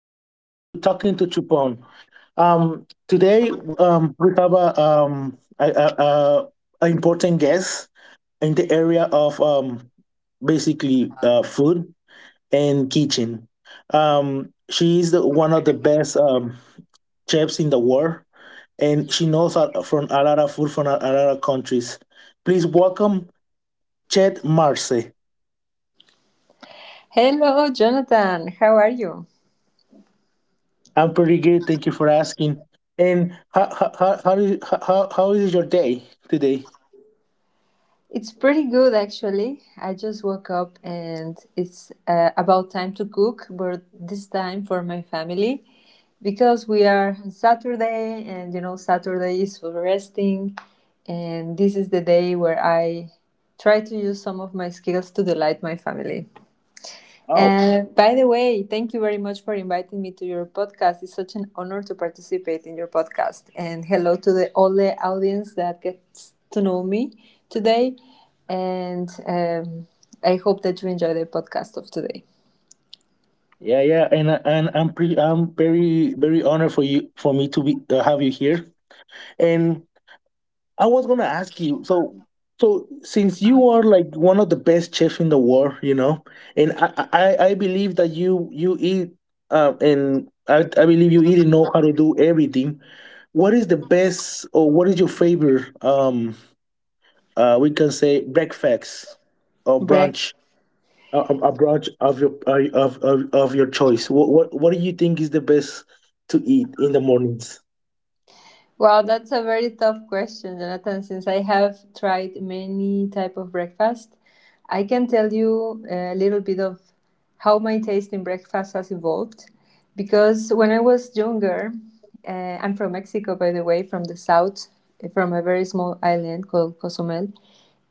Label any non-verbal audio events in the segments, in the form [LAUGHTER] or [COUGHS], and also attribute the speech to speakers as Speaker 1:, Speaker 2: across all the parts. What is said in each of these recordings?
Speaker 1: welcome you to Talking to Chupon. Today, we have a important guest in the area of basically food and kitchen. She is one of the best chefs in the world, and she knows from a lot of food from a lot of countries. Please welcome Chet Marce.
Speaker 2: Hello, Jonathan. How are you?
Speaker 1: I'm pretty good. Thank you for asking. And how, do you, how is your day today?
Speaker 2: It's pretty good, actually. I just woke up and it's about time to cook, but this time for my family because we are on Saturday and you know, Saturday is for resting. And this is the day where I try to use some of my skills to delight my family.
Speaker 1: Oh,
Speaker 2: And by the way, thank you very much for inviting me to your podcast. It's such an honor to participate in your podcast. And hello to the all the audience that gets to know me today. And I hope that you enjoy the podcast of today.
Speaker 1: yeah, yeah. And I'm very very honored for you for me to be have you here. And I was gonna ask you. So since you are like one of the best chefs in the world, you know, and I believe that you eat and I believe you even know how to do everything. What is the best, or what is your favorite we can say breakfast or
Speaker 2: Break.
Speaker 1: brunch, a brunch of your choice. What do you think is the best to eat in the mornings?
Speaker 2: Wow, that's a very tough question, Jonathan. Since I have tried many type of breakfast, I can tell you a little bit of how my taste in breakfast has evolved. Because when I was younger, uh, I'm from Mexico, by the way, from the south, from a very small island called Cozumel,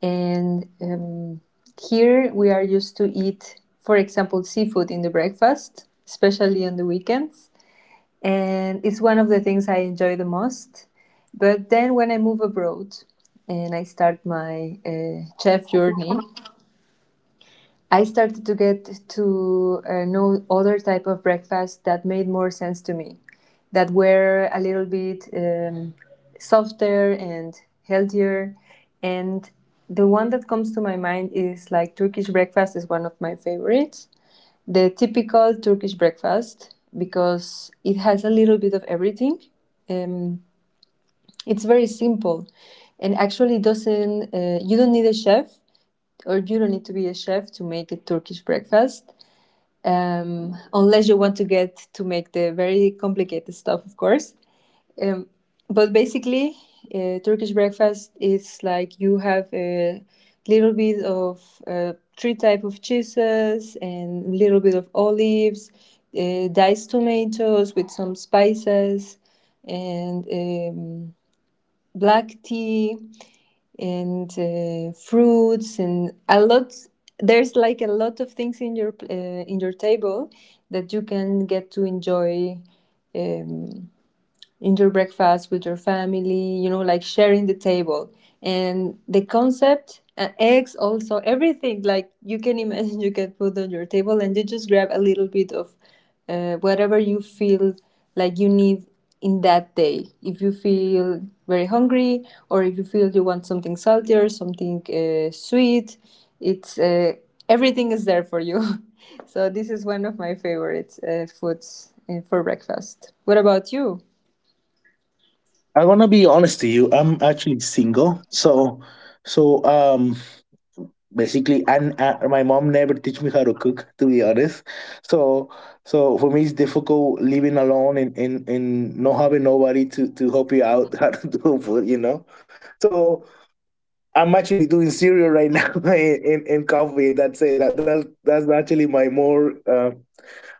Speaker 2: and here we are used to eat, for example, seafood in the breakfast, especially on the weekends and it's one of the things I enjoy the most. But then when I move abroad and I start my chef journey, I started to get to know other type of breakfast that made more sense to me, that were a little bit softer and healthier. And the one that comes to my mind is like Turkish breakfast is one of my favorites, the typical Turkish breakfast because it has a little bit of everything. Um, it's very simple, and actually doesn't. You don't need a chef, or you don't need to be a chef to make a Turkish breakfast, unless you want to get to make the very complicated stuff, of course. But basically turkish breakfast is like you have a little bit of three type of cheeses and little bit of olives, diced tomatoes with some spices and black tea and fruits and a lot, there's like a lot of things in your table that you can get to enjoy um, in your breakfast with your family, you know, like sharing the table. And the concept, eggs also, everything like you can imagine [LAUGHS] you can put on your table and you just grab a little bit of whatever you feel like you need in that day. If you feel very hungry or if you feel you want something salty or something sweet, it's everything is there for you. [LAUGHS] So this is one of my favorite foods for breakfast. What about you?
Speaker 1: I'm gonna be honest to you, I'm actually single. So um Basically, and my mom never teach me how to cook, to be honest. So so for me it's difficult living alone, and and not having nobody to help you out [LAUGHS] how to do food. So I'm actually doing cereal right now [LAUGHS] in, coffee. That's it. That's actually my more.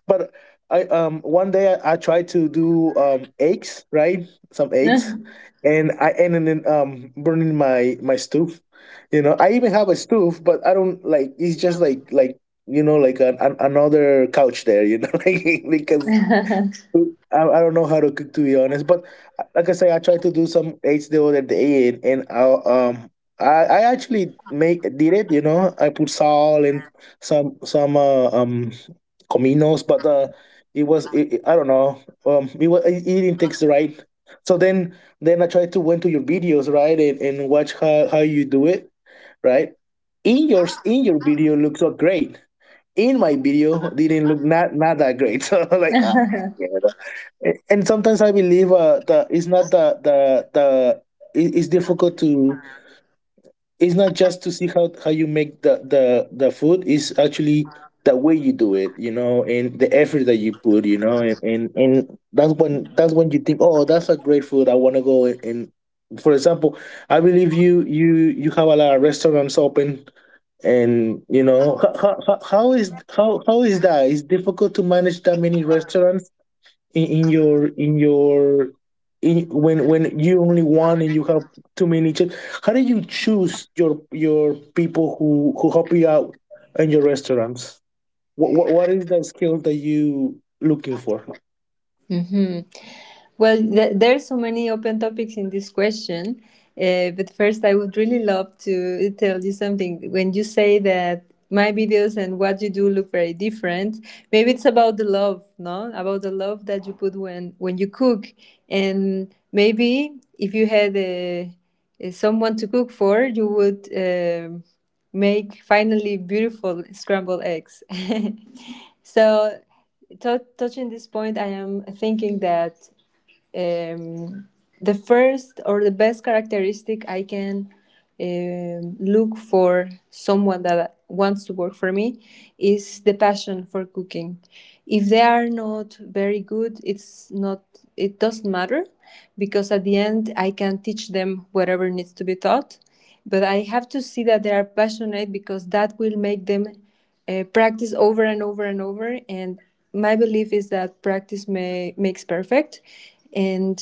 Speaker 1: But I one day I tried to do eggs, right, some
Speaker 2: [LAUGHS]
Speaker 1: eggs,
Speaker 2: Mm-hmm.
Speaker 1: and I ended in burning my stove. You know I even have a stove, but I don't like, it's just like you know, like another couch there. You know [LAUGHS] like because I don't know how to cook, to be honest, but like I say, I try to do some eight still at the end, and I um I actually make did it. You know, I put salt and some cominos, but it was I don't know, it was it didn't taste right. So then I tried to went to your videos, right, and, watch how you do it, right. In your video looks so great. In my video didn't look not that great. [LAUGHS] So like, and sometimes I believe that it's not the the it- it's difficult to it's not just to see how you make the food, it's actually the way you do it, you know, and the effort that you put, you know, and and that's when you think, oh, that's a great food, I want to go and, for example I believe you have a lot of restaurants open, and you know how is that. It's difficult to manage that many restaurants in, in your in your when you only one and you have too many chefs. How do you choose your people who help you out in your restaurants? What is the skill that you looking for?
Speaker 2: Well, there are so many open topics in this question, but first, I would really love to tell you something. When you say that my videos and what you do look very different, maybe it's about the love, no? About the love that you put when you cook, and maybe if you had a someone to cook for, you would. Make finally beautiful scrambled eggs. [LAUGHS] So touching this point, I am thinking that um, the first or the best characteristic I can look for someone that wants to work for me is the passion for cooking. If they are not very good, it's not, it doesn't matter because at the end I can teach them whatever needs to be taught. But I have to see that they are passionate because that will make them practice over and over and over. And my belief is that makes perfect. And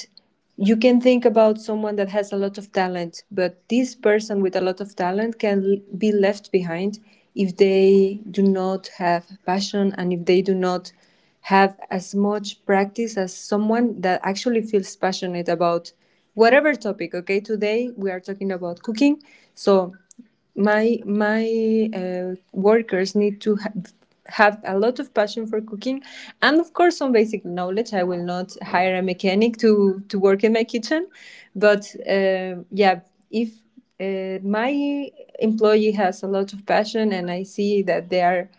Speaker 2: you can think about someone that has a lot of talent, but this person with a lot of talent can be left behind if they do not have passion and if they do not have as much practice as someone that actually feels passionate about whatever topic. Okay, today we are talking about cooking. So my workers need to have a lot of passion for cooking and of course some basic knowledge. I will not hire a mechanic to work in my kitchen, but yeah, if my employee has a lot of passion and I see that they are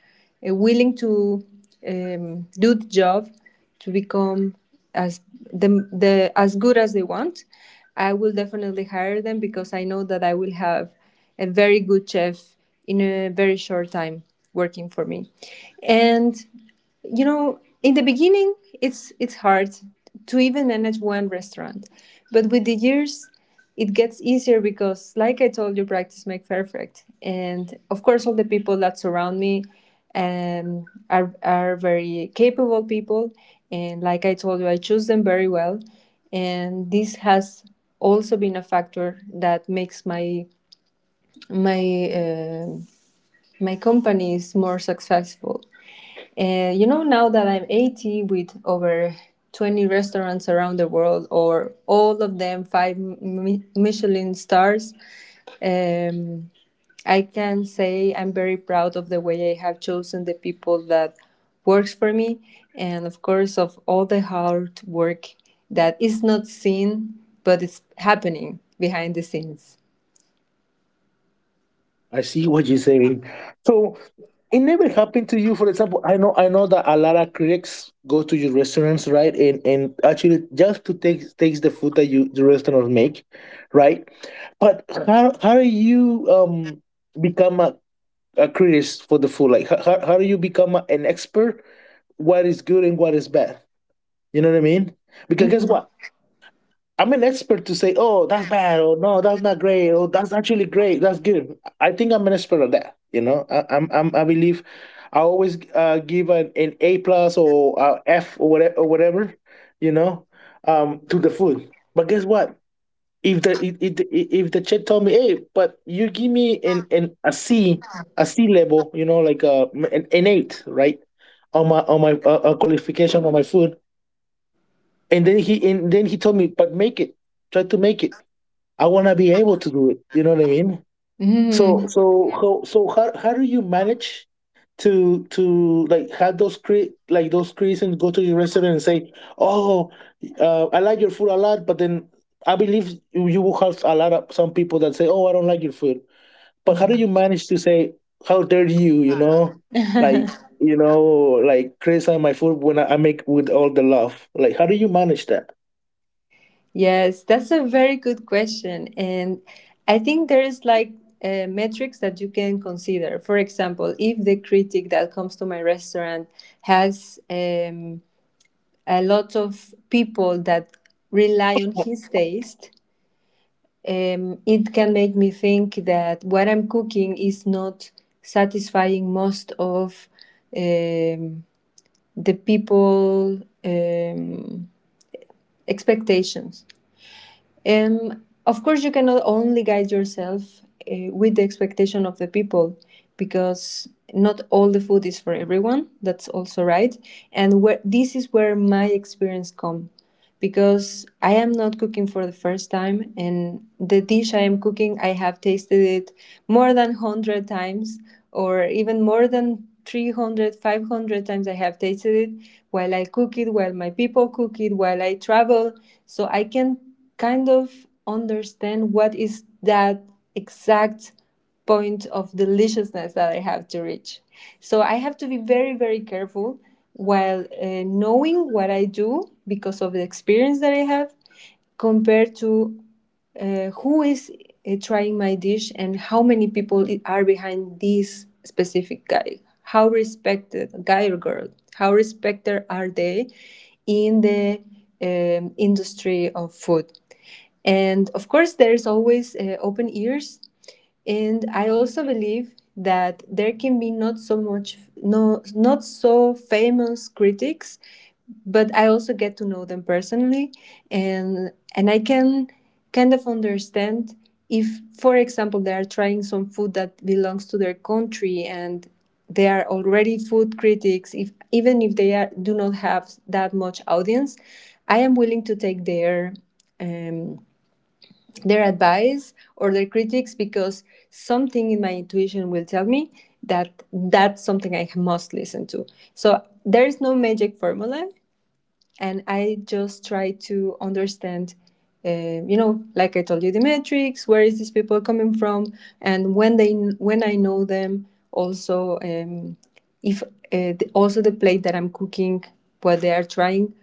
Speaker 2: willing to do the job to become as the as good as they want, I will definitely hire them because I know that I will have a very good chef in a very short time working for me. And you know, in the beginning, it's hard to even manage one restaurant, but with the years, it gets easier because, like I told you, practice makes perfect. And of course, all the people that surround me um, are very capable people, and like I told you, I choose them very well. And this has also been a factor that makes my my uh, my company is more successful. You know, now that I'm 80 with over 20 restaurants around the world, or all of them five Michelin stars, um, I can say I'm very proud of the way I have chosen the people that works for me, and of course of all the hard work that is not seen but it's happening behind the scenes.
Speaker 1: I see what you're saying. So it never happened to you. For example, I know that a lot of critics go to your restaurants, right? And actually just to takes the food that you the restaurant make, right? But how do you become a critic for the food? Like how do you become an expert? What is good and what is bad? You know what I mean? Because guess what? I'm an expert to say, oh, that's bad, or no, that's not great, or that's actually great, that's good. I think I'm an expert at that. You know, I believe I always give an A plus or F or whatever, you know, to the food. But guess what? If the chef told me, hey, but you give me an a C level, you know, like an eight, right, on my qualification on my food, and then he told me, but make it, try to make it. I want to be able to do it. You know what I mean?
Speaker 2: Mhm.
Speaker 1: So how do you manage to like have those like those, and go to your restaurant and say, oh, I like your food a lot, but then I believe you will have a lot of some people that say, oh, I don't like your food. But how do you manage to say, how dare you?
Speaker 2: Mhm.
Speaker 1: Like
Speaker 2: [LAUGHS]
Speaker 1: you know, like criticize my food when I make with all the love. Like, how do you manage that?
Speaker 2: Yes, that's a very good question. And I think there is like metrics that you can consider. For example, if the critic that comes to my restaurant has a lot of people that rely on his taste, it can make me think that what I'm cooking is not satisfying most of um, the people expectations. Of course, you cannot only guide yourself with the expectation of the people because not all the food is for everyone. That's also right. This is where my experience comes because I am not cooking for the first time and the dish I am cooking I have tasted it more than 100 times, or even more than 300, 500 times I have tasted it while I cook it, while my people cook it, while I travel, so I can kind of understand what is that exact point of deliciousness that I have to reach. So I have to be very, very careful while knowing what I do because of the experience that I have compared to who is trying my dish and how many people are behind this specific guy. How respected guy or girl? How respected are they in the industry of food? And of course, there's always open ears, and I also believe that there can be not so famous critics, but I also get to know them personally, and I can kind of understand if, for example, they are trying some food that belongs to their country and they are already food critics, if even if they are, do not have that much audience, I am willing to take their advice or their critics because something in my intuition will tell me that that's something I must listen to. So there is no magic formula, and I just try to understand. You know, like I told you, the metrics. Where is these people coming from, and when they, when I know them, also if the, also the plate that I'm cooking, what they are trying,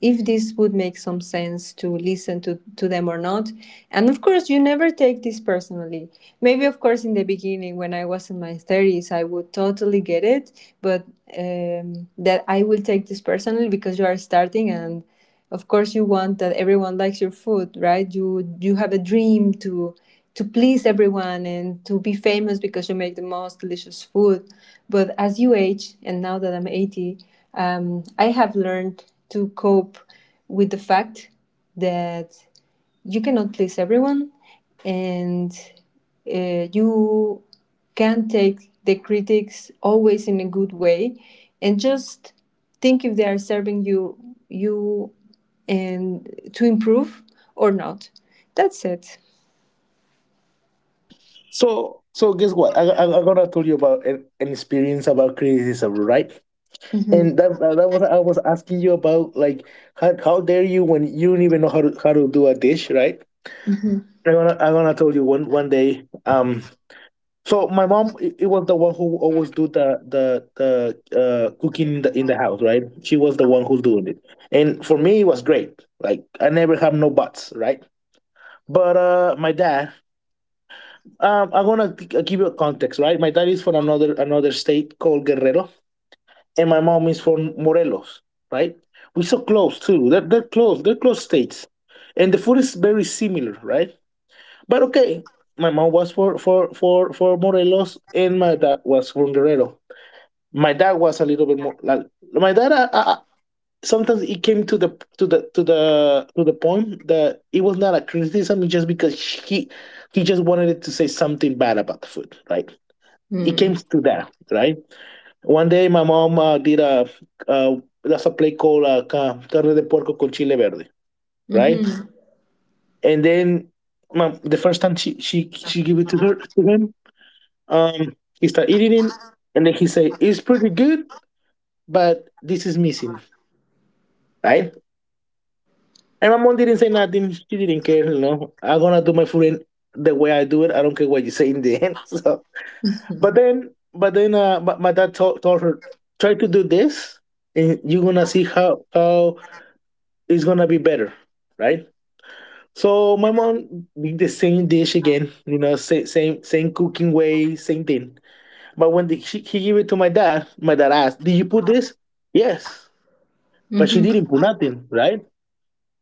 Speaker 2: if this would make some sense to listen to them or not. And of course, you never take this personally. Maybe, of course, in the beginning when I was in my 30s, I would totally get it, but that I will take this personally because you are starting and of course you want that everyone likes your food, right? You have a dream to please everyone and to be famous because you make the most delicious food. But as you age, and now that I'm 80, I have learned to cope with the fact that you cannot please everyone and you can take the critics always in a good way and just think if they are serving you, you, and to improve or not. That's it.
Speaker 1: So, guess what? I'm gonna tell you about an experience about criticism, right?
Speaker 2: Mhm.
Speaker 1: And that was I was asking you about, like how dare you when you don't even know how to do a dish, right? I'm gonna tell you one day. So my mom, it was the one who always do the cooking in in the house, right? She was the one who's doing it, and for me it was great. Like I never have no buts, right? But my dad, I'm gonna give you a context, right? My dad is from another state called Guerrero, and my mom is from Morelos, right? We're so close too. They're close. They're close states, and the food is very similar, right? But okay, my mom was for Morelos, and my dad was from Guerrero. My dad was a little bit more like. My dad sometimes it came to the point that it was not a criticism, it's just because he just wanted it to say something bad about the food, right? It
Speaker 2: Mm.
Speaker 1: came to that, right? One day my mom did a uh, that's a plate called carne de puerco con chile verde, right.
Speaker 2: Mm-hmm.
Speaker 1: And then the first time she gave it to her to him, um he started eating it, and then he said, "It's pretty good, but this is missing," right. And my mom didn't say nothing. She didn't care, you know. I'm gonna do my food in the way I do it. I don't care what you say in the end. [LAUGHS] So, but my dad told her, try to do this, and you're gonna see how it's gonna be better, right? So my mom did the same dish again, you know, same cooking way, same thing. But when he gave it to my dad asked, "Did you put this?" Yes, but she didn't
Speaker 2: Mm-hmm.
Speaker 1: put nothing, right?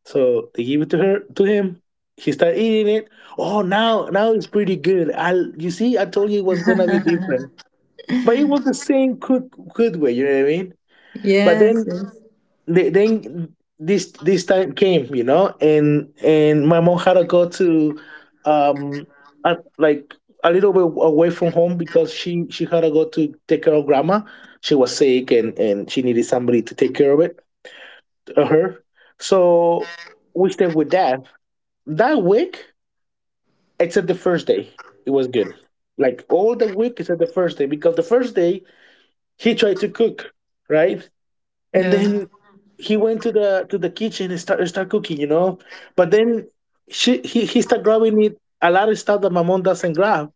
Speaker 1: So they give it to her to him. He started eating it. Oh, now it's pretty good. I You see, I told you it was gonna be different,
Speaker 2: [LAUGHS]
Speaker 1: but it was the same good way. You know what I mean? But
Speaker 2: Yes,
Speaker 1: then
Speaker 2: yes.
Speaker 1: they, then this time came, you know, and my mom had to go to um like a little bit away from home, because she had to go to take care of grandma. She was sick, and she needed somebody to take care of it her. So we stayed with dad that week. Except the first day, it was good. Like all the week except the first day, because the first day he tried to cook, right? And
Speaker 2: Yeah.
Speaker 1: then he went to the kitchen and start cooking, you know. But then she he started grabbing it a lot of stuff that my mom doesn't grab,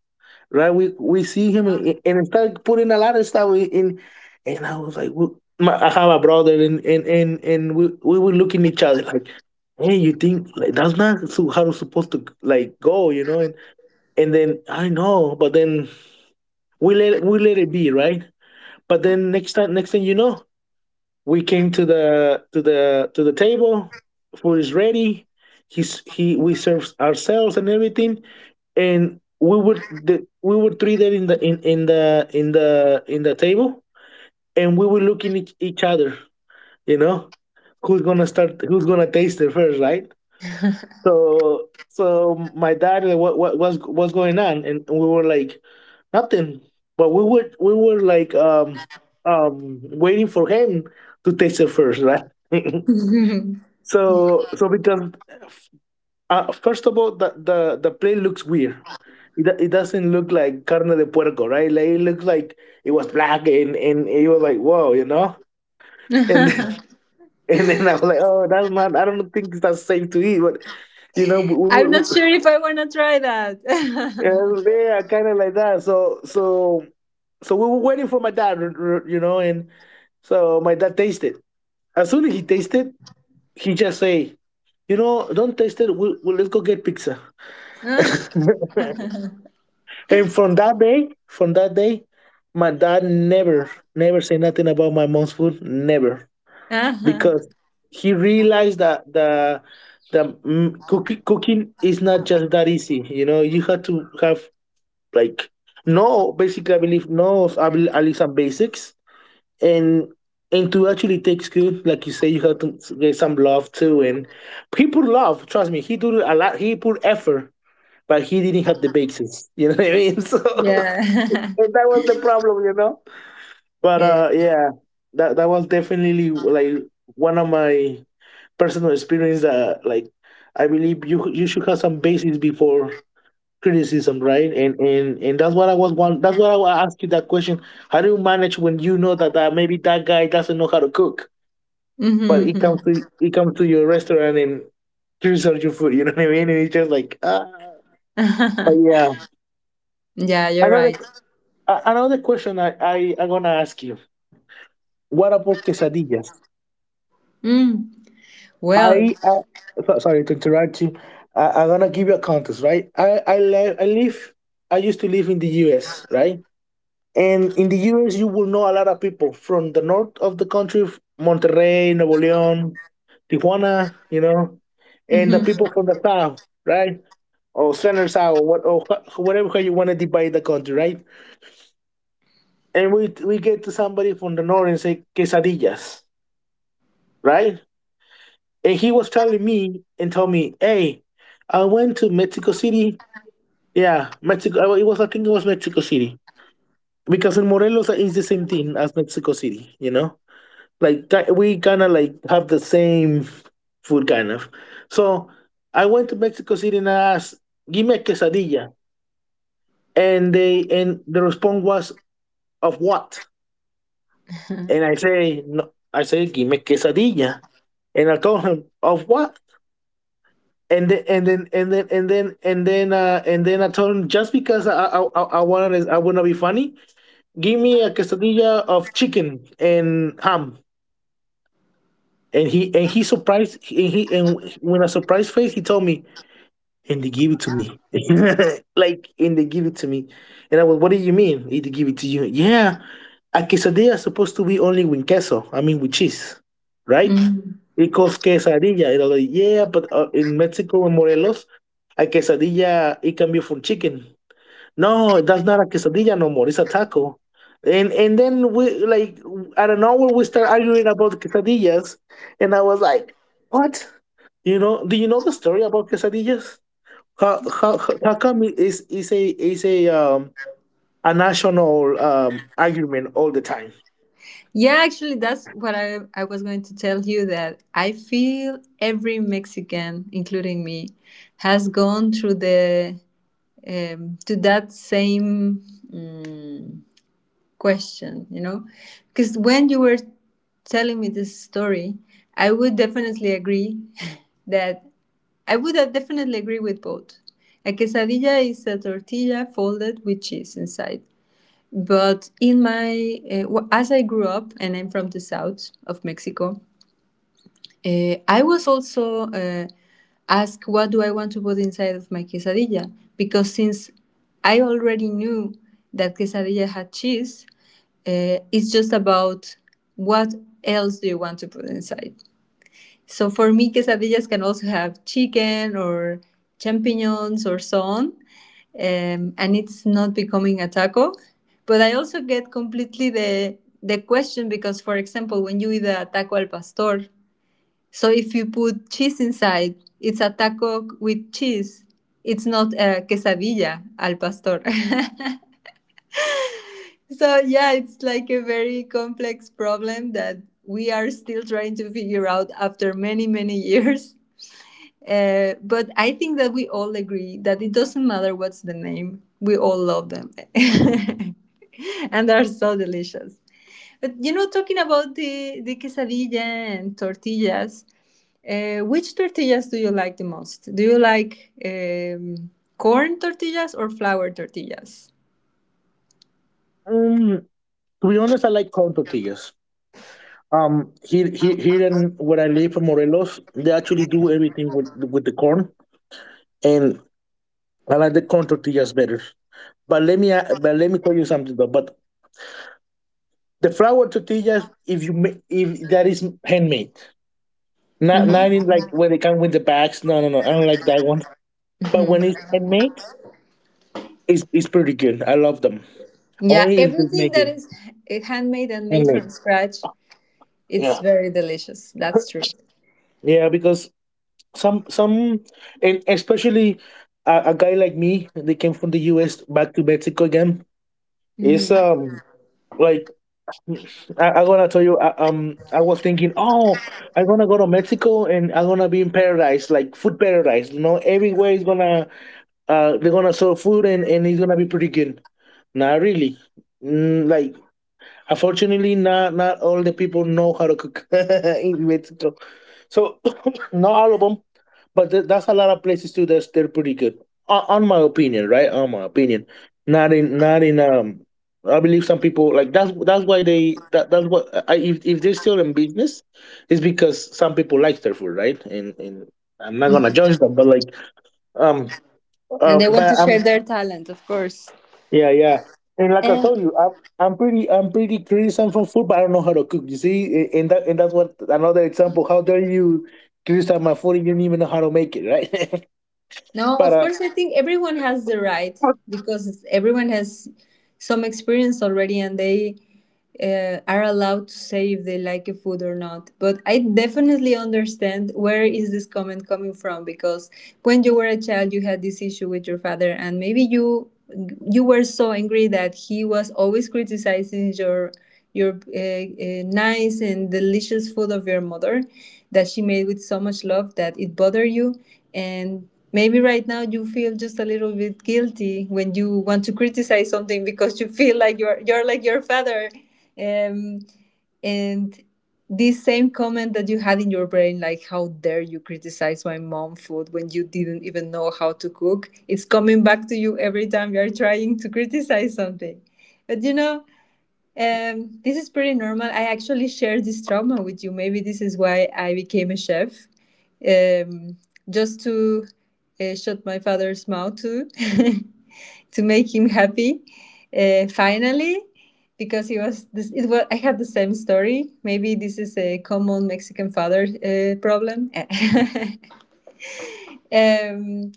Speaker 1: right? We see him, and, started putting a lot of stuff in, and I was like, I have a brother," and and we were looking at each other like, hey, you think like that's not so how it's supposed to like go, you know? And then I know, but then we let it be, right? But then next time, next thing you know, we came to the table. Food is ready. He's he we serves ourselves and everything, and we were treated in the table and we were looking each other, you know, who's gonna start, who's gonna taste it first, right? So my dad like, what was what's going on? And we were like, nothing, but we were waiting for him to taste it first, right? [LAUGHS]
Speaker 2: [LAUGHS]
Speaker 1: so so because First of all, the plate looks weird. It doesn't look like carne de puerco, right? Like it looks like it was black, and it was like, whoa, you know? And then, [LAUGHS] and then I was like, oh, that's not, I don't think that's safe to eat. But, you know, we, we,
Speaker 2: I'm
Speaker 1: we,
Speaker 2: not sure if I want to try that. [LAUGHS]
Speaker 1: yeah, kind of like that. So we were waiting for my dad, and so my dad tasted. As soon as he tasted, he just say, "You know, don't taste it. We'll Let's go get pizza."
Speaker 2: Uh,
Speaker 1: [LAUGHS] And from that day, my dad never, never said nothing about my mom's food, never,
Speaker 2: uh-huh.
Speaker 1: because he realized that cooking is not just that easy. You know, you have to have like no, basically, I believe no, of at least some basics, and to actually take good, like you say, you have to get some love too, and he put love. Trust me, he do a lot. He put effort, but he didn't have the bases. [LAUGHS] You know what I mean? So [LAUGHS]
Speaker 2: Yeah.
Speaker 1: and that was the problem, you know.
Speaker 2: [LAUGHS]
Speaker 1: But
Speaker 2: Yes.
Speaker 1: yeah, that was definitely like one of my personal experience that like I believe you should have some basis before criticism, right? And that's what I was want. That's what I asked you that question. How do you manage when you know that, maybe that guy doesn't know how to cook, but
Speaker 2: Mm-hmm.
Speaker 1: he comes to your restaurant and criticize your food? You know what I mean? And it's just like ah. But
Speaker 2: [LAUGHS]
Speaker 1: yeah,
Speaker 2: Yeah, you're
Speaker 1: another
Speaker 2: right.
Speaker 1: Another question I'm gonna ask you. What about quesadillas?
Speaker 2: Mm. Well.
Speaker 1: I uh, Sorry to interrupt you. I'm gonna give you a context, right? I live, I used to live in the U.S., right, and in the U.S. you will know a lot of people from the north of the country, Monterrey, Nuevo León, Tijuana, you know, and the
Speaker 2: Mhm.
Speaker 1: people from the south, right, or center south, or what or whatever way you want to divide the country, right? And we get to somebody from the north and say quesadillas, right? And he was telling me and told me, "Hey, I went to Mexico City. Yeah, Mexico. It was I think it was Mexico City, because in Morelos is the same thing as Mexico City. You know, like we kind of like have the same food kind of. So I went to Mexico City and I asked, 'Give me a quesadilla,' and the response was, 'Of what?'" And
Speaker 2: [LAUGHS]
Speaker 1: I say, "No." I say, "Give me quesadilla," and I told him, "Of what?" and then and then and then and then and then and then I told him, just because I wanted, I want to be funny, give me a quesadilla of chicken and ham. And he surprised, and he and when I surprised face, he told me and they give it to me, [LAUGHS] like and they give it to me. And I was, what do you mean? They give it to you? Yeah, a quesadilla is supposed to be only with queso. I mean with cheese, right?
Speaker 2: Mm.
Speaker 1: Tacos, quesadilla. And I was like, "Yeah, but, in Mexico and Morelos, a quesadilla, it can be from chicken." "No, that's not a quesadilla no more, it's a taco." And then we, like, out of nowhere, we start arguing about quesadillas, and I was like, "What?" You know, do you know the story about quesadillas? How come it is a a national argument all the time?
Speaker 2: Yeah, actually, that's what I was going to tell you that I feel every Mexican, including me, has gone through the to that same um, question, you know? Because when you were telling me this story, I would definitely agree [LAUGHS] that I would definitely agree with both. A quesadilla is a tortilla folded with cheese inside. But in my, as I grew up, and I'm from the south of Mexico, I was also asked what do I want to put inside of my quesadilla because since I already knew that quesadilla had cheese, it's just about what else do you want to put inside. So for me, quesadillas can also have chicken or champignons or so on, and it's not becoming a taco. But I also get completely the question because, for example, when you eat a taco al pastor, so if you put cheese inside, it's a taco with cheese. It's not a quesadilla al pastor. [LAUGHS] So yeah, it's like a very complex problem that we are still trying to figure out after many, many [LAUGHS] years. But I think that we all agree that it doesn't matter what's the name. We all love them. [LAUGHS] And they're so delicious. But talking about the quesadilla and tortillas, which tortillas do you like the most? Do you like corn tortillas or flour tortillas?
Speaker 1: Um, to be honest, I like corn tortillas. Here in where I live in Morelos, they actually do everything with the corn, and I like the corn tortillas better. But let me tell you something though. But the flour tortillas, if you if that is handmade, not
Speaker 2: Mhm.
Speaker 1: in like where they come with the bags. No, no, no, I don't like that one. But
Speaker 2: Mhm.
Speaker 1: when it's handmade, it's pretty good. I love them.
Speaker 2: Yeah,
Speaker 1: Only if they
Speaker 2: everything
Speaker 1: make
Speaker 2: that
Speaker 1: it
Speaker 2: is handmade and made
Speaker 1: handmade.
Speaker 2: from scratch, it's
Speaker 1: Yeah,
Speaker 2: very delicious. That's
Speaker 1: [LAUGHS]
Speaker 2: true.
Speaker 1: yeah, because some and especially a guy like me, they came from the US back to Mexico again. Is
Speaker 2: Mhm.
Speaker 1: like I'm gonna tell you, I was thinking, oh, I'm gonna go to Mexico and I'm gonna be in paradise like food paradise, you know, everywhere is gonna they're gonna sell food, and it's gonna be pretty good. Not really, like, unfortunately, not all the people know how to cook [LAUGHS] in Mexico, so [COUGHS] [CLEARS THROAT] not all of them. But that's a lot of places too. That's they're pretty good, on my opinion, right? On my opinion, not in I believe some people like that's why they that that's what I, if they're still in business, it's because some people like their food, right? And I'm not gonna judge them, but like um
Speaker 2: And they want
Speaker 1: but
Speaker 2: to share
Speaker 1: I'm
Speaker 2: their talent, of course.
Speaker 1: yeah, yeah, and like I
Speaker 2: And
Speaker 1: told you I'm. I'm pretty criticism for food, but I don't know how to cook. You see, and that, and that's what another example. How dare you criticize my food and you don't even know how to make it, right? [LAUGHS]
Speaker 2: no,
Speaker 1: But
Speaker 2: of course, I think everyone has the right because everyone has some experience already and they are allowed to say if they like a food or not. But I definitely understand where is this comment coming from because when you were a child, you had this issue with your father and maybe you were so angry that he was always criticizing your your nice and delicious food of your mother that she made with so much love that it bothered you and maybe right now you feel just a little bit guilty when you want to criticize something because you feel like you're like your father, um, and this same comment that you had in your brain like how dare you criticize my mom food when you didn't even know how to cook it's coming back to you every time you're trying to criticize something. But this is pretty normal. I actually shared this trauma with you. Maybe this is why I became a chef, um, just to shut my father's mouth too, [LAUGHS] to make him happy. Finally, because he was this. It was I had the same story. Maybe this is a common Mexican father problem. [LAUGHS] Um,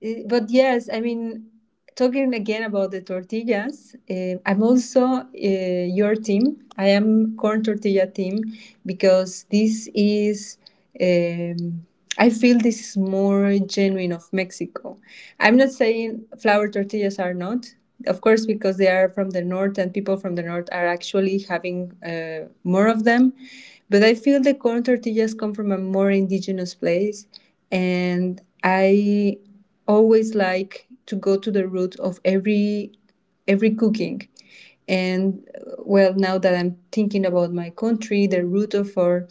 Speaker 2: but yes, I mean, talking again about the tortillas, I'm also your team. I am corn tortilla team because this is. Um, I feel this is more genuine of Mexico. I'm not saying flour tortillas are not, of course, because they are from the north and people from the north are actually having more of them. But I feel the corn tortillas come from a more indigenous place and I always like to go to the root of every cooking. And well, now that I'm thinking about my country, the root of our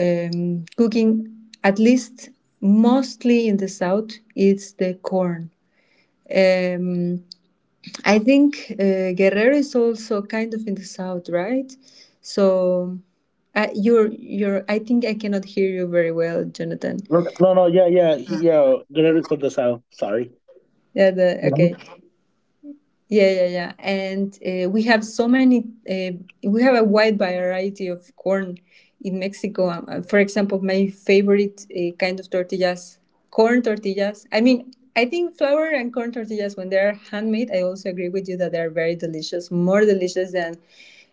Speaker 2: cooking, at least mostly in the south, it's the corn. Um, I think Guerrero is also kind of in the south, right? So I, you're you're. I think I cannot hear you very well, Jonathan.
Speaker 1: no, no, no, yeah, yeah, yeah. Granted for the South. Sorry.
Speaker 2: Yeah. The,
Speaker 1: Mhm,
Speaker 2: okay. Yeah, yeah, yeah. And we have so many, we have a wide variety of corn in Mexico. For example, my favorite kind of tortillas, corn tortillas. I mean, I think flour and corn tortillas, when they're handmade, I also agree with you that they're very delicious, more delicious than,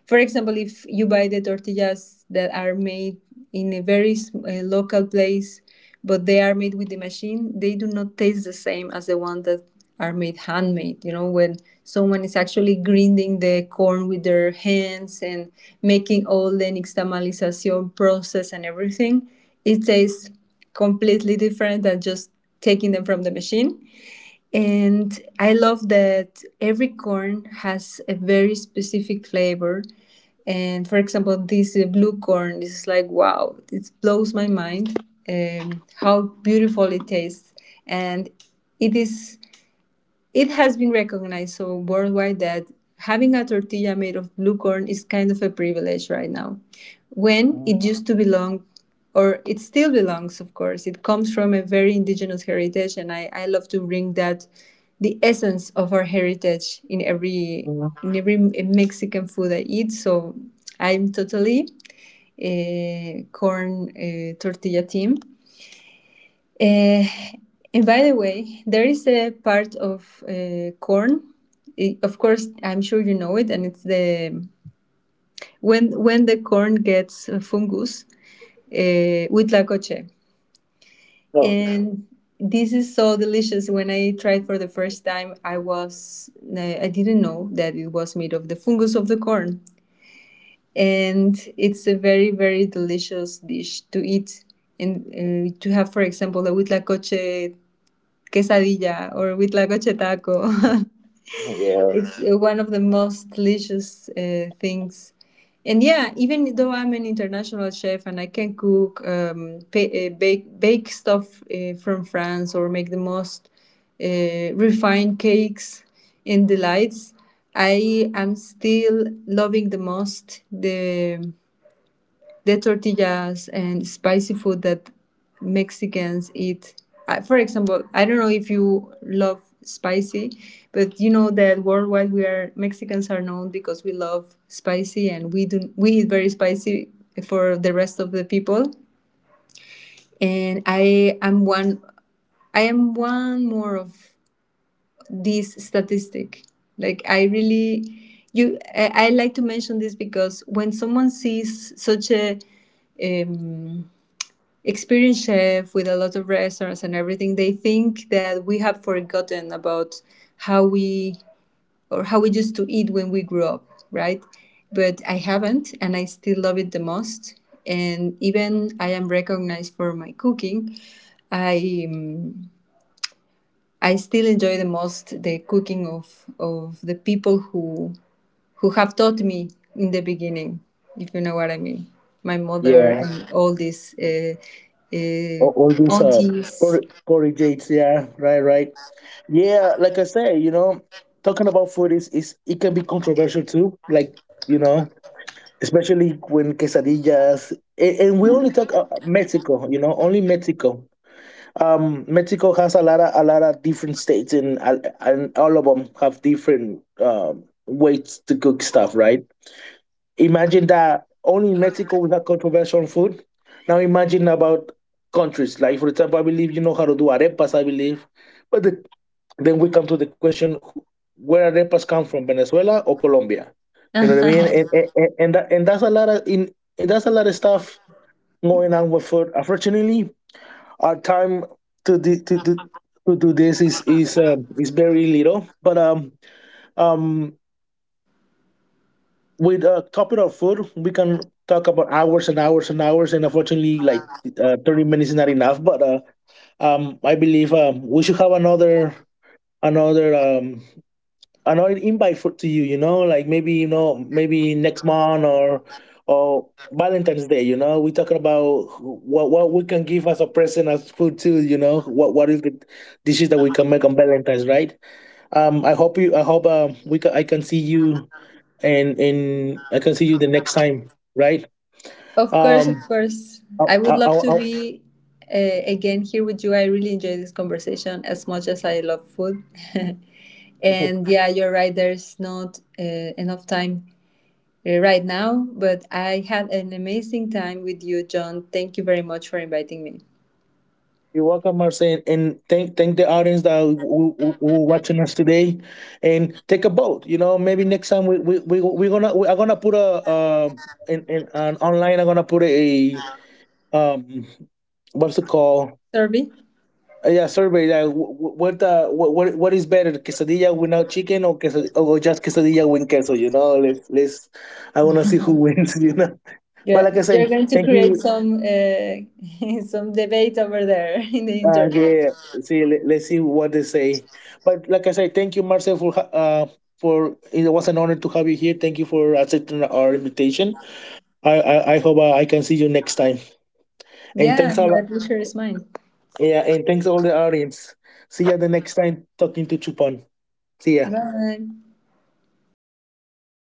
Speaker 2: for example, if you buy the tortillas that are made in a very local place, but they are made with the machine. They do not taste the same as the ones that are made handmade, when someone is actually grinding the corn with their hands and making all the nixtamalization process and everything. It tastes completely different than just taking them from the machine. And I love that every corn has a very specific flavor. And for example, this blue corn is like wow, it blows my mind. How beautiful it tastes, and it is, it has been recognized so worldwide that having a tortilla made of blue corn is kind of a privilege right now, when
Speaker 1: mhm,
Speaker 2: it used to belong, or it still belongs, of course. It comes from a very indigenous heritage, and I love to bring that the essence of our heritage
Speaker 1: mhm.
Speaker 2: in every Mexican food I eat. So I'm totally a corn tortilla team. Uh, and by the way, there is a part of corn. Of course, I'm sure you know it, and it's the when the corn gets fungus with
Speaker 1: Oh,
Speaker 2: and this is so delicious. When I tried for the first time, I was I didn't know that it was made of the fungus of the corn, and it's a very delicious dish to eat. And to have, for example, a huitlacoche quesadilla or huitlacoche taco. [LAUGHS]
Speaker 1: yeah,
Speaker 2: It's one of the most delicious things. And yeah, even though I'm an international chef and I can cook, pa bake stuff from France or make the most refined cakes and delights, I am still loving the most the tortillas and spicy food that Mexicans eat. For example, I don't know if you love spicy, but you know that worldwide we are Mexicans are known because we love spicy and we do we eat very spicy for the rest of the people. And I am one more of this statistic. Like I really you I like to mention this because when someone sees such a um, experienced chef with a lot of restaurants and everything, they think that we have forgotten about how we or how we used to eat when we grew up, right? But I haven't, and I still love it the most. And even I am recognized for my cooking. I um, I still enjoy the most the cooking of the people who have taught me in the beginning, if you know what I mean. My mother
Speaker 1: yeah.
Speaker 2: and all these uh,
Speaker 1: All these
Speaker 2: aunties.
Speaker 1: porridges. Yeah, right, right. Yeah, like I say, you know, talking about food is it can be controversial too. Like, you know, especially when quesadillas. And we only talk Mexico. You know, only Mexico. Mexico has a lot of different states, and all of them have different ways to cook stuff, right? Imagine that only in Mexico we have controversial on food. Now imagine about countries like, for example, I believe you know how to do arepas. I believe, but the, then we come to the question: Where arepas come from, Venezuela or Colombia?
Speaker 2: [LAUGHS]
Speaker 1: You know what I mean?
Speaker 2: Of
Speaker 1: And that's a lot of in and that's a lot of stuff going on with food. Unfortunately, our time to the to do this is is very little. But um with a topic of food, we can talk about hours and hours and hours. And unfortunately, like 30 minutes is not enough. But I believe we should have another another um another invite for to you. You know, like maybe you know maybe next month or Valentine's Day. You know, we talking about what we can give as a present as food too. You know, what is the dishes that we can make on Valentine's, right? I hope you. I hope we can, I can see you and I can see you the next time, right?
Speaker 2: course, of
Speaker 1: Um,
Speaker 2: course.
Speaker 1: I,
Speaker 2: I
Speaker 1: I,
Speaker 2: would
Speaker 1: I,
Speaker 2: love to
Speaker 1: I-
Speaker 2: be again here with you. I really enjoy this conversation as much as I love food. [LAUGHS] And yeah, you're right. There's not enough time right now, but I had an amazing time with you, John. Thank you very much for inviting me.
Speaker 1: you're welcome, Marcel, and thank the audience that were watching us today, and take a vote. You know, maybe next time we're gonna I'm gonna put a in an online, I'm gonna put a um what's the call?
Speaker 2: Sorry.
Speaker 1: Yeah, survey that w- w- what the what is better, quesadilla without chicken or quesad or just quesadilla with queso? You know, let's, I want to see who wins. [LAUGHS] You know. But like I say,
Speaker 2: You're going to
Speaker 1: thank
Speaker 2: create
Speaker 1: you.
Speaker 2: some [LAUGHS] some debate over there [LAUGHS] in the internet.
Speaker 1: Yeah, see, let's see what they say. But like I say, thank you, Marcel, for for it was an honor to have you here. Thank you for accepting our invitation. I hope I can see you next time. And
Speaker 2: Yeah,
Speaker 1: thanks
Speaker 2: the
Speaker 1: all.
Speaker 2: pleasure is mine.
Speaker 1: Yeah, and thanks all the audience. See you the next time talking to Chupon. See ya.
Speaker 2: Bye.